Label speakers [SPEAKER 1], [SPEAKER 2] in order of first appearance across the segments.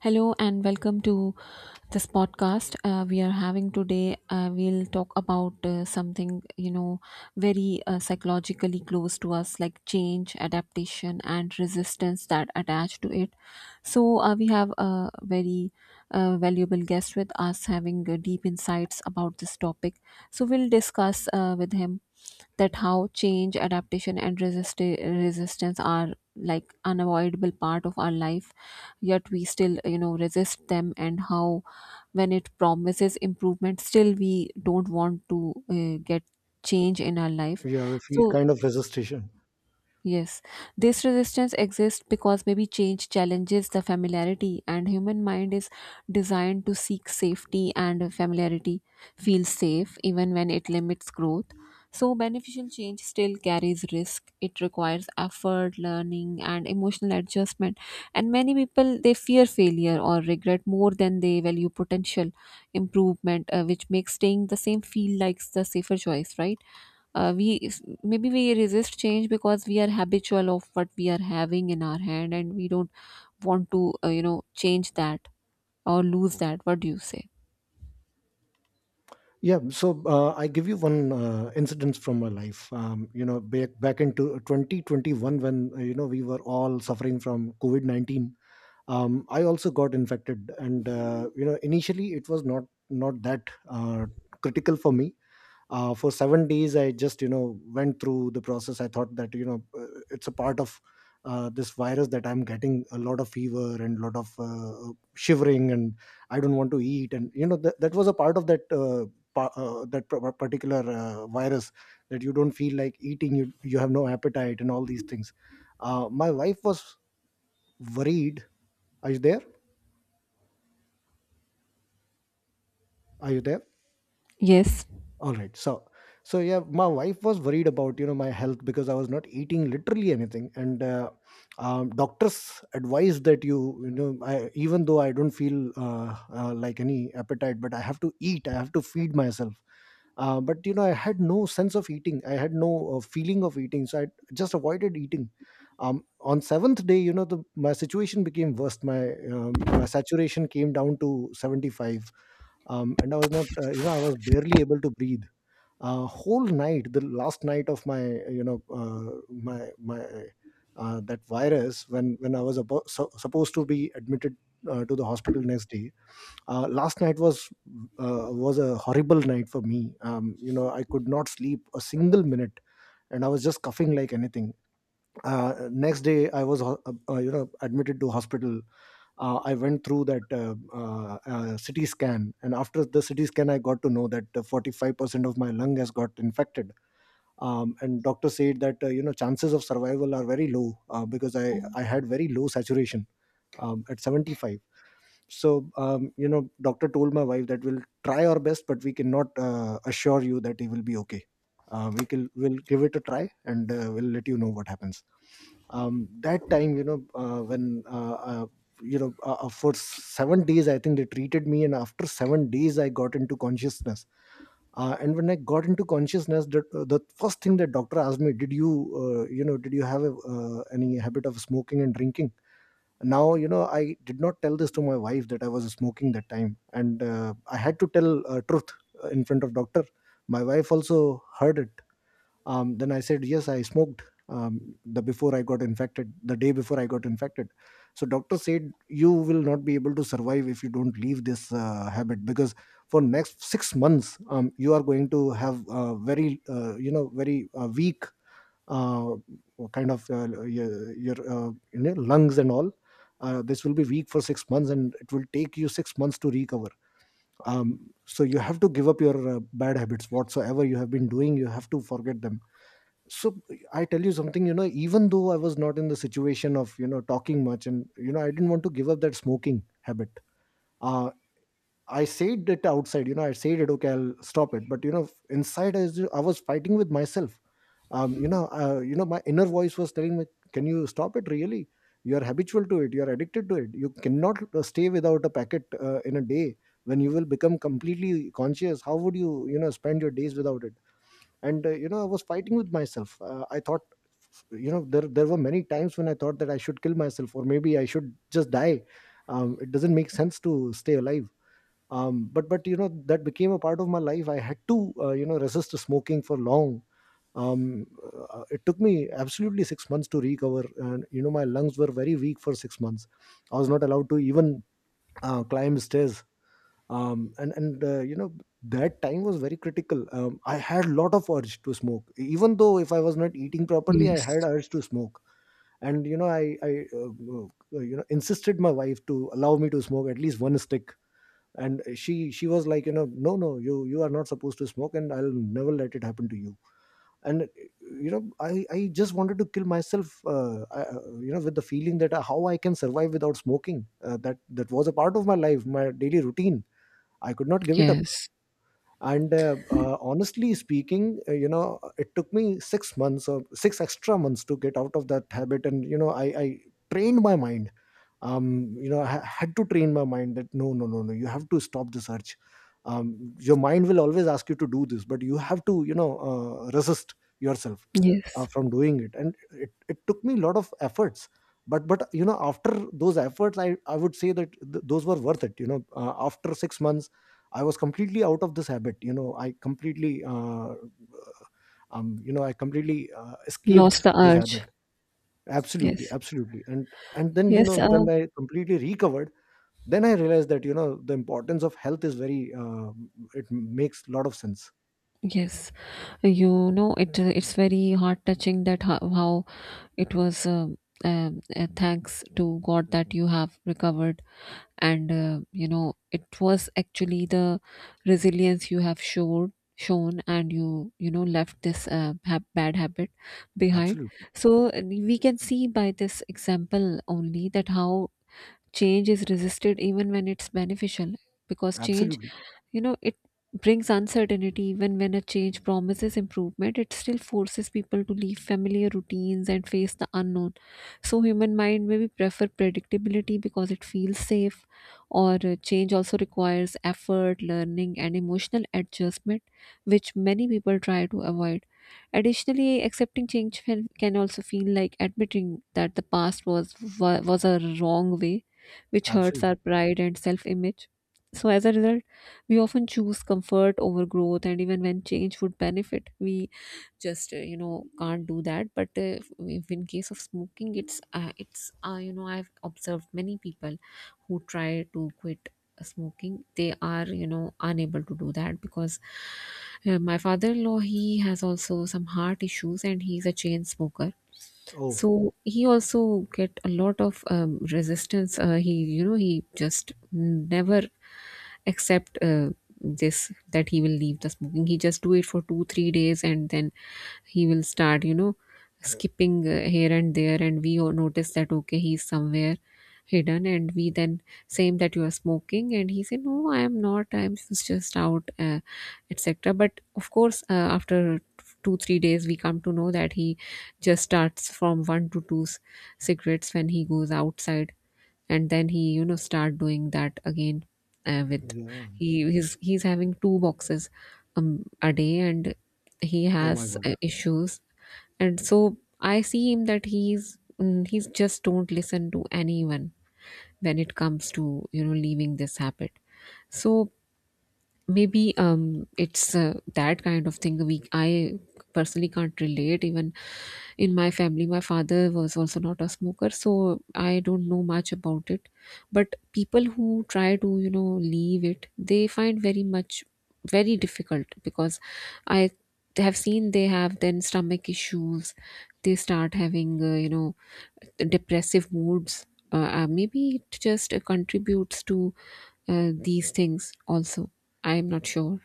[SPEAKER 1] Hello and welcome to this podcast. We are having today. We'll talk about something very psychologically close to us, like change, adaptation, and resistance that attach to it. So we have a very valuable guest with us, having deep insights about this topic. So we'll discuss with him that how change, adaptation, and resistance are like unavoidable part of our life, yet we still, resist them, and how when it promises improvement, still we don't want to get change in our life.
[SPEAKER 2] Yeah, I feel
[SPEAKER 1] So
[SPEAKER 2] kind of hesitation.
[SPEAKER 1] yes, this resistance exists because maybe change challenges the familiarity, and human mind is designed to seek safety and familiarity, feels safe even when it limits growth. So, beneficial change still carries risk. It requires effort, learning, and emotional adjustment. And many people they fear failure or regret more than they value potential improvement, which makes staying the same feel like the safer choice, right? We maybe we resist change because we are habitual of what we are having in our hand, and we don't want to, change that or lose that. What do you say?
[SPEAKER 2] Yeah, I give you one incident from my life. Back into 2021 when we were all suffering from COVID-19. I also got infected, and initially it was not that critical for me for 7 days, I just, you know, went through the process. I thought that, it's a part of this virus, that I'm getting a lot of fever and a lot of shivering, and I don't want to eat. And you know that was a part of that particular virus, that you don't feel like eating. You have no appetite and all these things. My wife was worried. Are you there? Are you there?
[SPEAKER 1] Yes.
[SPEAKER 2] All right. So so yeah, my wife was worried about, you know, my health, because I was not eating literally anything. And doctors advised that you know, I, even though I don't feel like any appetite, but I have to eat, I have to feed myself. But you know, I had no sense of eating, I had no feeling of eating, so I just avoided eating. On seventh day, you know, the my situation became worse. My my saturation came down to 75. And I was not you know, I was barely able to breathe. Whole night, the last night of my, you know uh, my my that virus, when I was supposed to be admitted to the hospital next day. Last night was a horrible night for me. You know, I could not sleep a single minute, and I was just coughing like anything. Next day I was you know, admitted to hospital. I went through that CT scan, and after the CT scan I got to know that 45% of my lung has got infected. And doctor said that, you know, chances of survival are very low, because I had very low saturation at 75. So you know, doctor told my wife that we'll try our best, but we cannot assure you that he will be okay. We will give it a try, and we'll let you know what happens. That time, you know, for 7 days I think they treated me, and after 7 days I got into consciousness. And when I got into consciousness, that the first thing that doctor asked me: did you you know, did you have a, any habit of smoking and drinking? Now you know, I did not tell this to my wife that I was smoking that time, and I had to tell truth in front of doctor. My wife also heard it. Then I said yes, I smoked the before I got infected, the day before I got infected. So doctor said, you will not be able to survive if you don't leave this habit, because for next 6 months, you are going to have very very weak uh, kind of your lungs and all. This will be weak for 6 months, and it will take you 6 months to recover. So you have to give up your bad habits, whatsoever you have been doing, you have to forget them. So I tell you something, you know, even though I was not in the situation of, you know, talking much, and you know, I didn't want to give up that smoking habit. uh I said it outside, you know, I said it, okay I'll stop it, but you know, inside I was fighting with myself. My inner voice was telling me, can you stop it really? You are habitual to it, you are addicted to it, you cannot stay without a packet in a day. When you will become completely conscious, how would you, you know, spend your days without it? And you know, I was fighting with myself. I thought, you know, there were many times when I thought that I should kill myself, or maybe I should just die. It doesn't make sense to stay alive. But you know, that became a part of my life. I had to resist smoking for long. um, it took me absolutely 6 months to recover, and you know my lungs were very weak for 6 months. I was not allowed to even climb stairs. And you know, that time was very critical. I had lot of urge to smoke. Even though if I was not eating properly, I had
[SPEAKER 1] Yes,
[SPEAKER 2] urge to smoke. And you know, I you know, insisted my wife to allow me to smoke at least one stick. And she was like, you know, no no, you are not supposed to smoke, and I'll never let it happen to you. And you know, I just wanted to kill myself, you know, with the feeling that, how I can survive without smoking. That that was a part of my life, my daily routine, I could not give it up.
[SPEAKER 1] yes.
[SPEAKER 2] And honestly speaking, you know, it took me 6 months or 6 extra months to get out of that habit, and you know, I trained my mind. You know I Had to train my mind, that no no no no, you have to stop this urge. um your mind will always ask you to do this, but you have to, you know, resist yourself
[SPEAKER 1] Yes.
[SPEAKER 2] from doing it. And it took me a lot of efforts. But you know, after those efforts, I would say that those were worth it. You know, after 6 months I was completely out of this habit. You know, I completely, you know, I completely escaped
[SPEAKER 1] Lost the
[SPEAKER 2] this
[SPEAKER 1] urge.
[SPEAKER 2] habit. Absolutely,
[SPEAKER 1] Yes,
[SPEAKER 2] absolutely. And then, you know,
[SPEAKER 1] yes.
[SPEAKER 2] when I completely recovered, then I realized that, you know, the importance of health is very. It makes a lot of sense.
[SPEAKER 1] Yes. It's very heart touching that how it was. Thanks to god that you have recovered, and it was actually the resilience you have showed shown, and left this bad habit behind.
[SPEAKER 2] Absolutely,
[SPEAKER 1] So we can see by this example only that how change is resisted even when it's beneficial, because change,
[SPEAKER 2] absolutely,
[SPEAKER 1] you know, it brings uncertainty. Even when a change promises improvement, it still forces people to leave familiar routines and face the unknown. So human mind maybe prefer predictability because it feels safe, or change also requires effort, learning and emotional adjustment, which many people try to avoid. Additionally, accepting change can also feel like admitting that the past was a wrong way, which hurts
[SPEAKER 2] absolutely.
[SPEAKER 1] our pride and self-image. So as a result, we often choose comfort over growth, and even when change would benefit, we just can't do that. But if in case of smoking, it's you know I've observed many people who try to quit smoking. They are unable to do that, because my father-in-law he has also some heart issues and he's a chain smoker.
[SPEAKER 2] Oh
[SPEAKER 1] So he also get a lot of resistance. Uh, he you know he just never accept this that he will leave the smoking. He just do it for 2 3 days, and then he will start skipping here and there, and we all notice that okay he's somewhere hidden, and we then say him that you are smoking, and he said no I am not, I'm just out, etc. But of course, after two, 3 days we come to know that he just starts from one to two cigarettes when he goes outside, and then he, start doing that again. With
[SPEAKER 2] yeah.
[SPEAKER 1] he he's having two boxes a day, and he
[SPEAKER 2] Oh my
[SPEAKER 1] has
[SPEAKER 2] God.
[SPEAKER 1] issues, and so I see him that he's just don't listen to anyone when it comes to leaving this habit. So maybe it's that kind of thing, we I personally can't relate. Even in my family my father was also not a smoker, so I don't know much about it. But people who try to leave it, they find very difficult, because I have seen they have then stomach issues. They start having depressive moods. Maybe it just contributes to these things also, I'm not sure.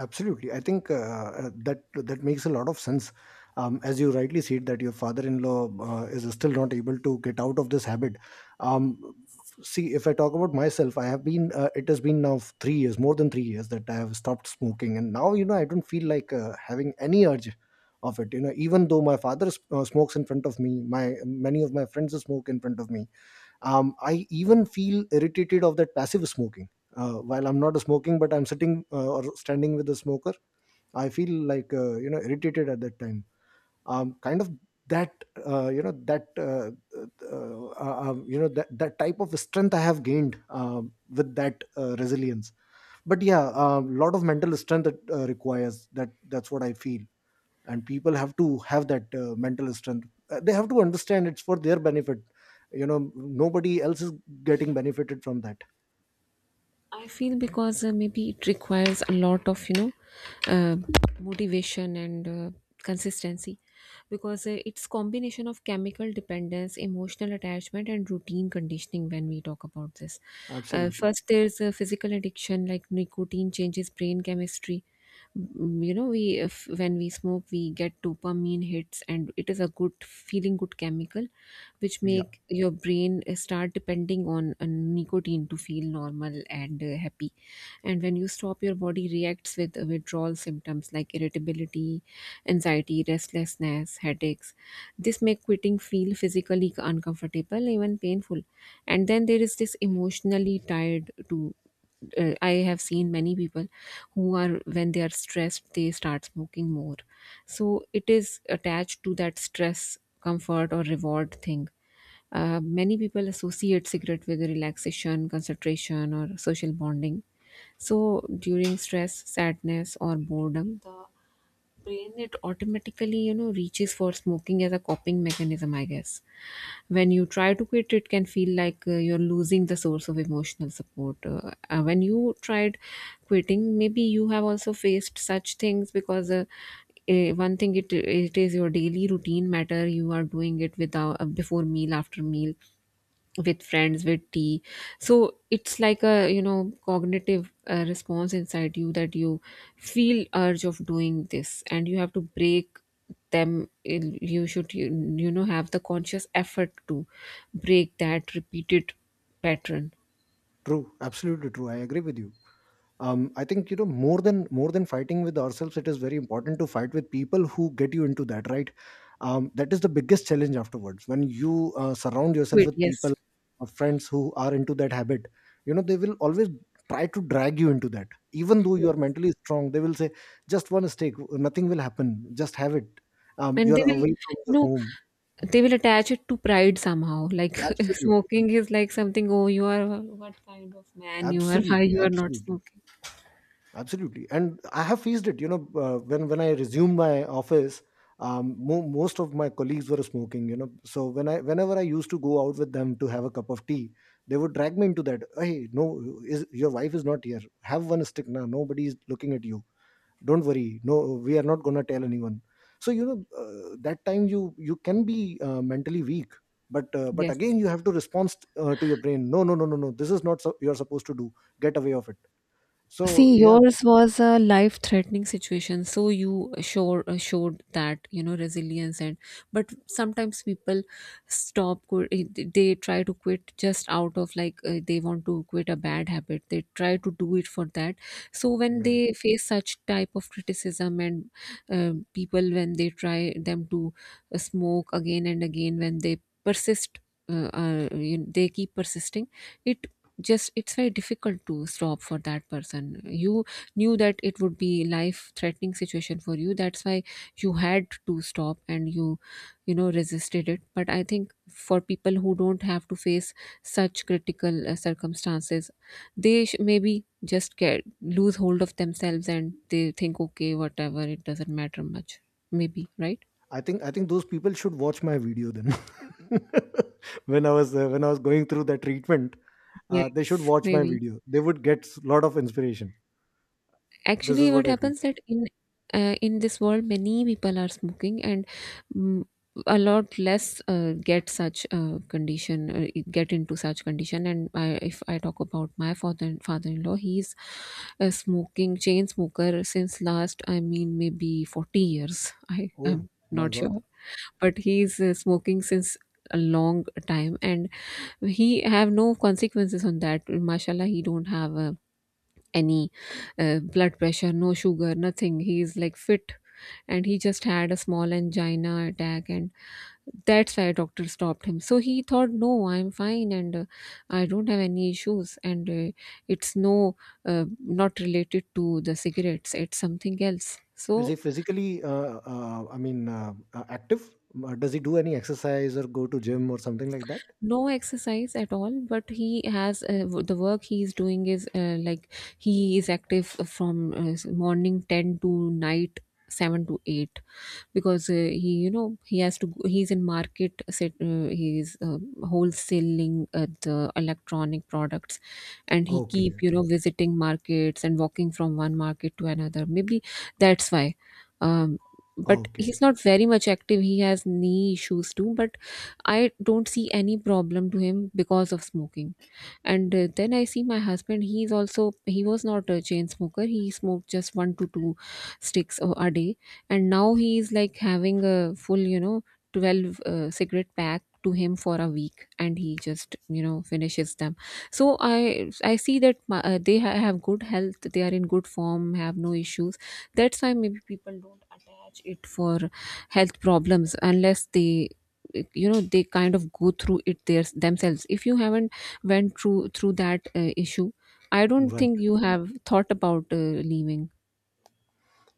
[SPEAKER 2] Absolutely, I think that that makes a lot of sense. As you rightly said, that your father-in-law is still not able to get out of this habit. Um, See, if I talk about myself, I have been. It has been now 3 years, more than 3 years, that I have stopped smoking. And now you know, I don't feel like having any urge of it. You know, even though my father smokes in front of me, my many of my friends smoke in front of me. I even feel irritated of that passive smoking. While I'm not smoking but I'm sitting or standing with a smoker, I feel like, you know, irritated at that time. Kind of that, you know, that type of strength I have gained with that resilience. But yeah, a lot of mental strength it requires, that that's what I feel. And people have to have that mental strength. They have to understand it's for their benefit. You know, nobody else is getting benefited from that.
[SPEAKER 1] I feel because maybe it requires a lot of uh, motivation and consistency, because it's combination of chemical dependence, emotional attachment, and routine conditioning when we talk about this.
[SPEAKER 2] Absolutely.
[SPEAKER 1] First there's a physical addiction, like nicotine changes brain chemistry. Mm, you know we if When we smoke we get dopamine hits, and it is a good feeling, good chemical, which
[SPEAKER 2] Yeah,
[SPEAKER 1] make your brain start depending on nicotine to feel normal and happy. And when you stop, your body reacts with withdrawal symptoms like irritability, anxiety, restlessness, headaches. This make quitting feel physically uncomfortable, even painful. And then there is this emotionally tied to. I have seen many people who are when they are stressed they start smoking more, so it is attached to that stress, comfort, or reward thing. Many people associate cigarette with relaxation, concentration, or social bonding. So during stress, sadness, or boredom, the brain it automatically reaches for smoking as a coping mechanism, I guess. When you try to quit, it can feel like you're losing the source of emotional support. When you tried quitting, maybe you have also faced such things. Because one thing, it is your daily routine matter. You are doing it without, before meal, after meal, with friends, with tea. So it's like a cognitive response inside you that you feel urge of doing this, and you have to break them. You should you, you know have the conscious effort to break that repeated pattern.
[SPEAKER 2] true. Absolutely true, I agree with you. I think, you know, more than fighting with ourselves, it is very important to fight with people who get you into that, right? That is the biggest challenge afterwards, when you surround yourself
[SPEAKER 1] Quit.
[SPEAKER 2] with
[SPEAKER 1] Yes.
[SPEAKER 2] people or friends who are into that habit. You know, they will always try to drag you into that. Even though you
[SPEAKER 1] Yes.
[SPEAKER 2] are mentally strong, they will say, just one mistake, nothing will happen, just have it.
[SPEAKER 1] And
[SPEAKER 2] You're away from your
[SPEAKER 1] know
[SPEAKER 2] home.
[SPEAKER 1] they will attach it to pride somehow, like
[SPEAKER 2] Absolutely,
[SPEAKER 1] smoking is like something. Oh, you are what kind of man you are, why
[SPEAKER 2] absolutely,
[SPEAKER 1] you are not
[SPEAKER 2] absolutely.
[SPEAKER 1] smoking.
[SPEAKER 2] Absolutely, and I have faced it. You know, when I resumed my office, most of my colleagues were smoking. You know, so when I, whenever I used to go out with them to have a cup of tea, they would drag me into that. Hey, no, is your wife is not here? Have one stick now. Nobody is looking at you. Don't worry. No, we are not gonna tell anyone. So you know, that time you can be mentally weak. But
[SPEAKER 1] Yes.
[SPEAKER 2] again, you have to respond to your brain. No, no, no, no, no. This is not so, you're supposed to do. Get away of it. So
[SPEAKER 1] See,
[SPEAKER 2] yeah,
[SPEAKER 1] yours was a life-threatening situation, so you showed that resilience. And but sometimes people stop. They try to quit just out of like they want to quit a bad habit. They try to do it for that. So when
[SPEAKER 2] yeah.
[SPEAKER 1] they face such type of criticism and people when they try them to smoke again and again when they persist. They keep persisting it it's very difficult to stop for that person. You knew that it would be life threatening situation for you, that's why you had to stop, and resisted it. But I think for people who don't have to face such critical circumstances, they maybe just get lose hold of themselves, and they think okay whatever, it doesn't matter much, maybe, right.
[SPEAKER 2] I think those people should watch my video then. When I was going through the treatment, they should
[SPEAKER 1] Yes,
[SPEAKER 2] watch my
[SPEAKER 1] maybe.
[SPEAKER 2] video. They would get a lot of inspiration. This
[SPEAKER 1] Actually,
[SPEAKER 2] is
[SPEAKER 1] what
[SPEAKER 2] what I feel.
[SPEAKER 1] happens that in this world many people are smoking, and mm, a lot less get into such condition. And I, if I talk about my father-in-law, he's a smoking chain smoker since last, I mean, maybe 40 years. I
[SPEAKER 2] Oh
[SPEAKER 1] am
[SPEAKER 2] my
[SPEAKER 1] not
[SPEAKER 2] god!
[SPEAKER 1] sure, but he's smoking since a long time, and he have no consequences on that, mashallah. He don't have a any blood pressure, no sugar, nothing. He is like fit, and he just had a small angina attack, and that's why doctor stopped him. So he thought no I'm fine, and I don't have any issues, and it's not related to the cigarettes, it's something else.
[SPEAKER 2] Is
[SPEAKER 1] So
[SPEAKER 2] he physically? I mean, active? Does he do any exercise or go to gym or something like that?
[SPEAKER 1] no exercise at all, but he has the work he is doing is like he is active from morning 10 to night 7 to 8, because he you know he has to he's in market set, he's wholesaling the electronic products, and he keep
[SPEAKER 2] Okay.
[SPEAKER 1] visiting markets and walking from one market to another, maybe that's why. um, but he's
[SPEAKER 2] Okay.
[SPEAKER 1] not very much active, he has knee issues too. But I don't see any problem to him because of smoking. And then I see my husband, he's also he was not a chain smoker, he smoked just one to two sticks a day. And now he is like having a full 12 cigarette pack to him for a week, and he just finishes them. So I see that have good health, they are in good form, have no issues. That's why maybe people don't attach it for health problems unless they you know they kind of go through it themselves. If you haven't went through that issue, I don't
[SPEAKER 2] Right.
[SPEAKER 1] think you have thought about leaving.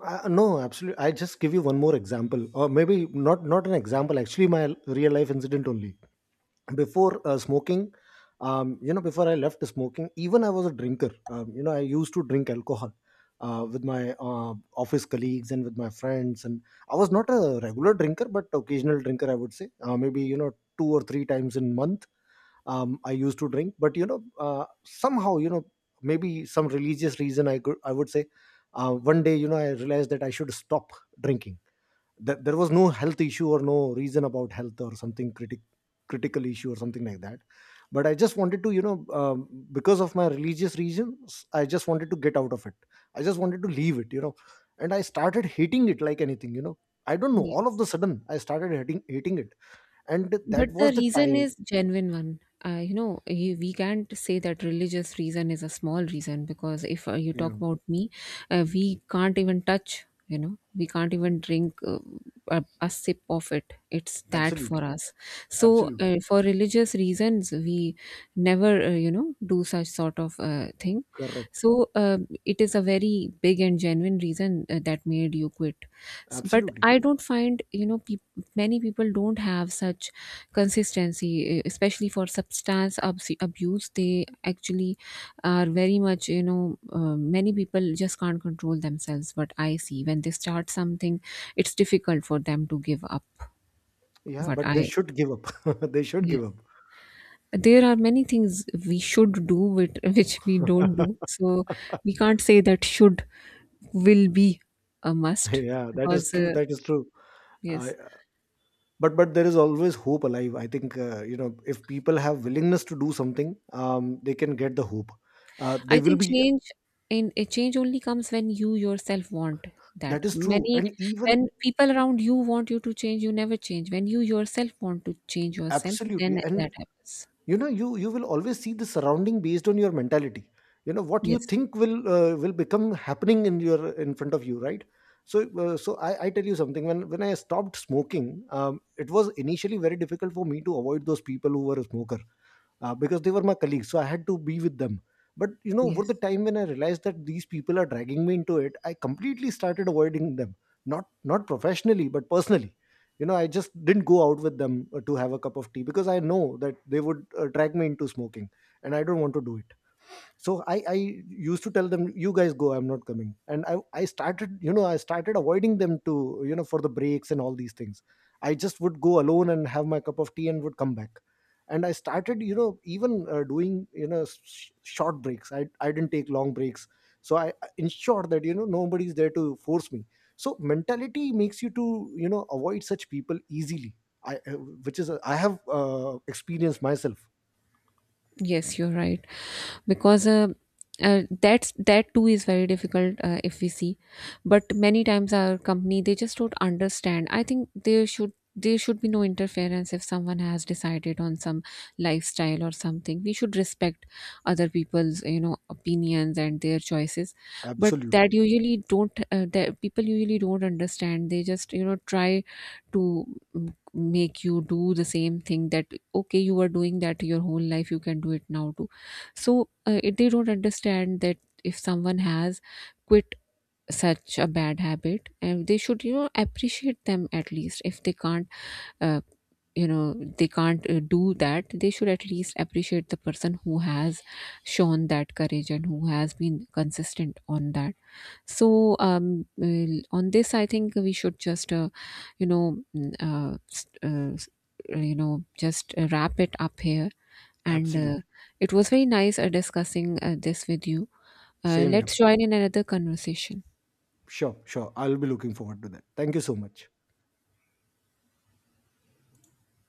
[SPEAKER 2] No, absolutely. I just give you one more example, or maybe not an example. Actually, my real life incident only. Before smoking, before I left smoking, even I was a drinker. I used to drink alcohol with my office colleagues and with my friends, and I was not a regular drinker but occasional drinker I would say. Maybe two or three times in month. I used to drink, but somehow, maybe some religious reason, I would say, one day, I realized that I should stop drinking. That there was no health issue or no reason about health or something critical issue or something like that, but I just wanted to, because of my religious reasons, I just wanted to get out of it. I just wanted to leave it, and I started hating it like anything. I don't know, all of the
[SPEAKER 1] Yes.
[SPEAKER 2] sudden I started hating it, and that
[SPEAKER 1] But the
[SPEAKER 2] was the
[SPEAKER 1] reason
[SPEAKER 2] time.
[SPEAKER 1] is genuine one. We can't say that religious reason is a small reason, because if you
[SPEAKER 2] Yeah.
[SPEAKER 1] talk about me, we can't even touch. You know, we can't even drink a sip of it. It's that for
[SPEAKER 2] Absolutely.
[SPEAKER 1] us. So,
[SPEAKER 2] Absolutely.
[SPEAKER 1] for religious reasons we never, do such sort of thing.
[SPEAKER 2] Correct.
[SPEAKER 1] So it is a very big and genuine reason that made you quit. But
[SPEAKER 2] Absolutely.
[SPEAKER 1] I don't find, you know, peop many people don't have such consistency, especially for substance abuse. They actually are very much, many people just can't control themselves. What I see when they start something, it's difficult for them to give up.
[SPEAKER 2] Yeah,
[SPEAKER 1] What
[SPEAKER 2] but they
[SPEAKER 1] I,
[SPEAKER 2] should give up. They should give
[SPEAKER 1] yes. There are many things we should do with, which we don't do. So
[SPEAKER 2] up.
[SPEAKER 1] we can't say that should will be a must,
[SPEAKER 2] Yeah, that is
[SPEAKER 1] because
[SPEAKER 2] true, that is true.
[SPEAKER 1] yes,
[SPEAKER 2] I, but there is always hope alive, I think. If people have willingness to do something, they can get the hope. They
[SPEAKER 1] I
[SPEAKER 2] will
[SPEAKER 1] think
[SPEAKER 2] be.
[SPEAKER 1] change in a change only comes when you yourself want,
[SPEAKER 2] That
[SPEAKER 1] that
[SPEAKER 2] is true.
[SPEAKER 1] many
[SPEAKER 2] And
[SPEAKER 1] when
[SPEAKER 2] even
[SPEAKER 1] people around you want you to change you never change, when you yourself want to change yourself then
[SPEAKER 2] absolutely, and
[SPEAKER 1] that happens.
[SPEAKER 2] you will always see the surrounding based on your mentality. You know what you
[SPEAKER 1] Yes.
[SPEAKER 2] think will become happening in your in front of you, right? So so I tell you something. When I stopped smoking, it was initially very difficult for me to avoid those people who were a smoker, because they were my colleagues. So I had to be with them. But you know, over the
[SPEAKER 1] Yes.
[SPEAKER 2] time, when I realized that these people are dragging me into it, I completely started avoiding them. Not professionally, but personally. You know, I just didn't go out with them to have a cup of tea, because I know that they would drag me into smoking, and I don't want to do it. So I used to tell them, you guys go, I'm not coming, and I started, I started avoiding them, to for the breaks and all these things. I just would go alone and have my cup of tea and would come back. And I started, you know even doing, short breaks. I didn't take long breaks. So I ensured that, nobody's there to force me. So mentality makes you to, avoid such people easily. I which is I have experienced myself.
[SPEAKER 1] Yes, you're right. Because that too is very difficult if we see. But many times our company they just don't understand. I think there should be no interference if someone has decided on some lifestyle or something. We should respect other people's opinions and their choices. But
[SPEAKER 2] Absolutely.
[SPEAKER 1] that people usually don't understand. They just try to make you do the same thing, that okay you were doing that your whole life you can do it now too. So they don't understand that if someone has quit such a bad habit, and they should appreciate them at least. If uh, they can't do that, they should at least appreciate the person who has shown that courage and who has been consistent on that. So on this I think we should just you know mm, s- s- you know just wrap it up here, and
[SPEAKER 2] Absolutely.
[SPEAKER 1] it was very nice discussing this with you.
[SPEAKER 2] Same here.
[SPEAKER 1] Let's join in another conversation.
[SPEAKER 2] Sure, sure. I'll be looking forward to that. Thank you so much.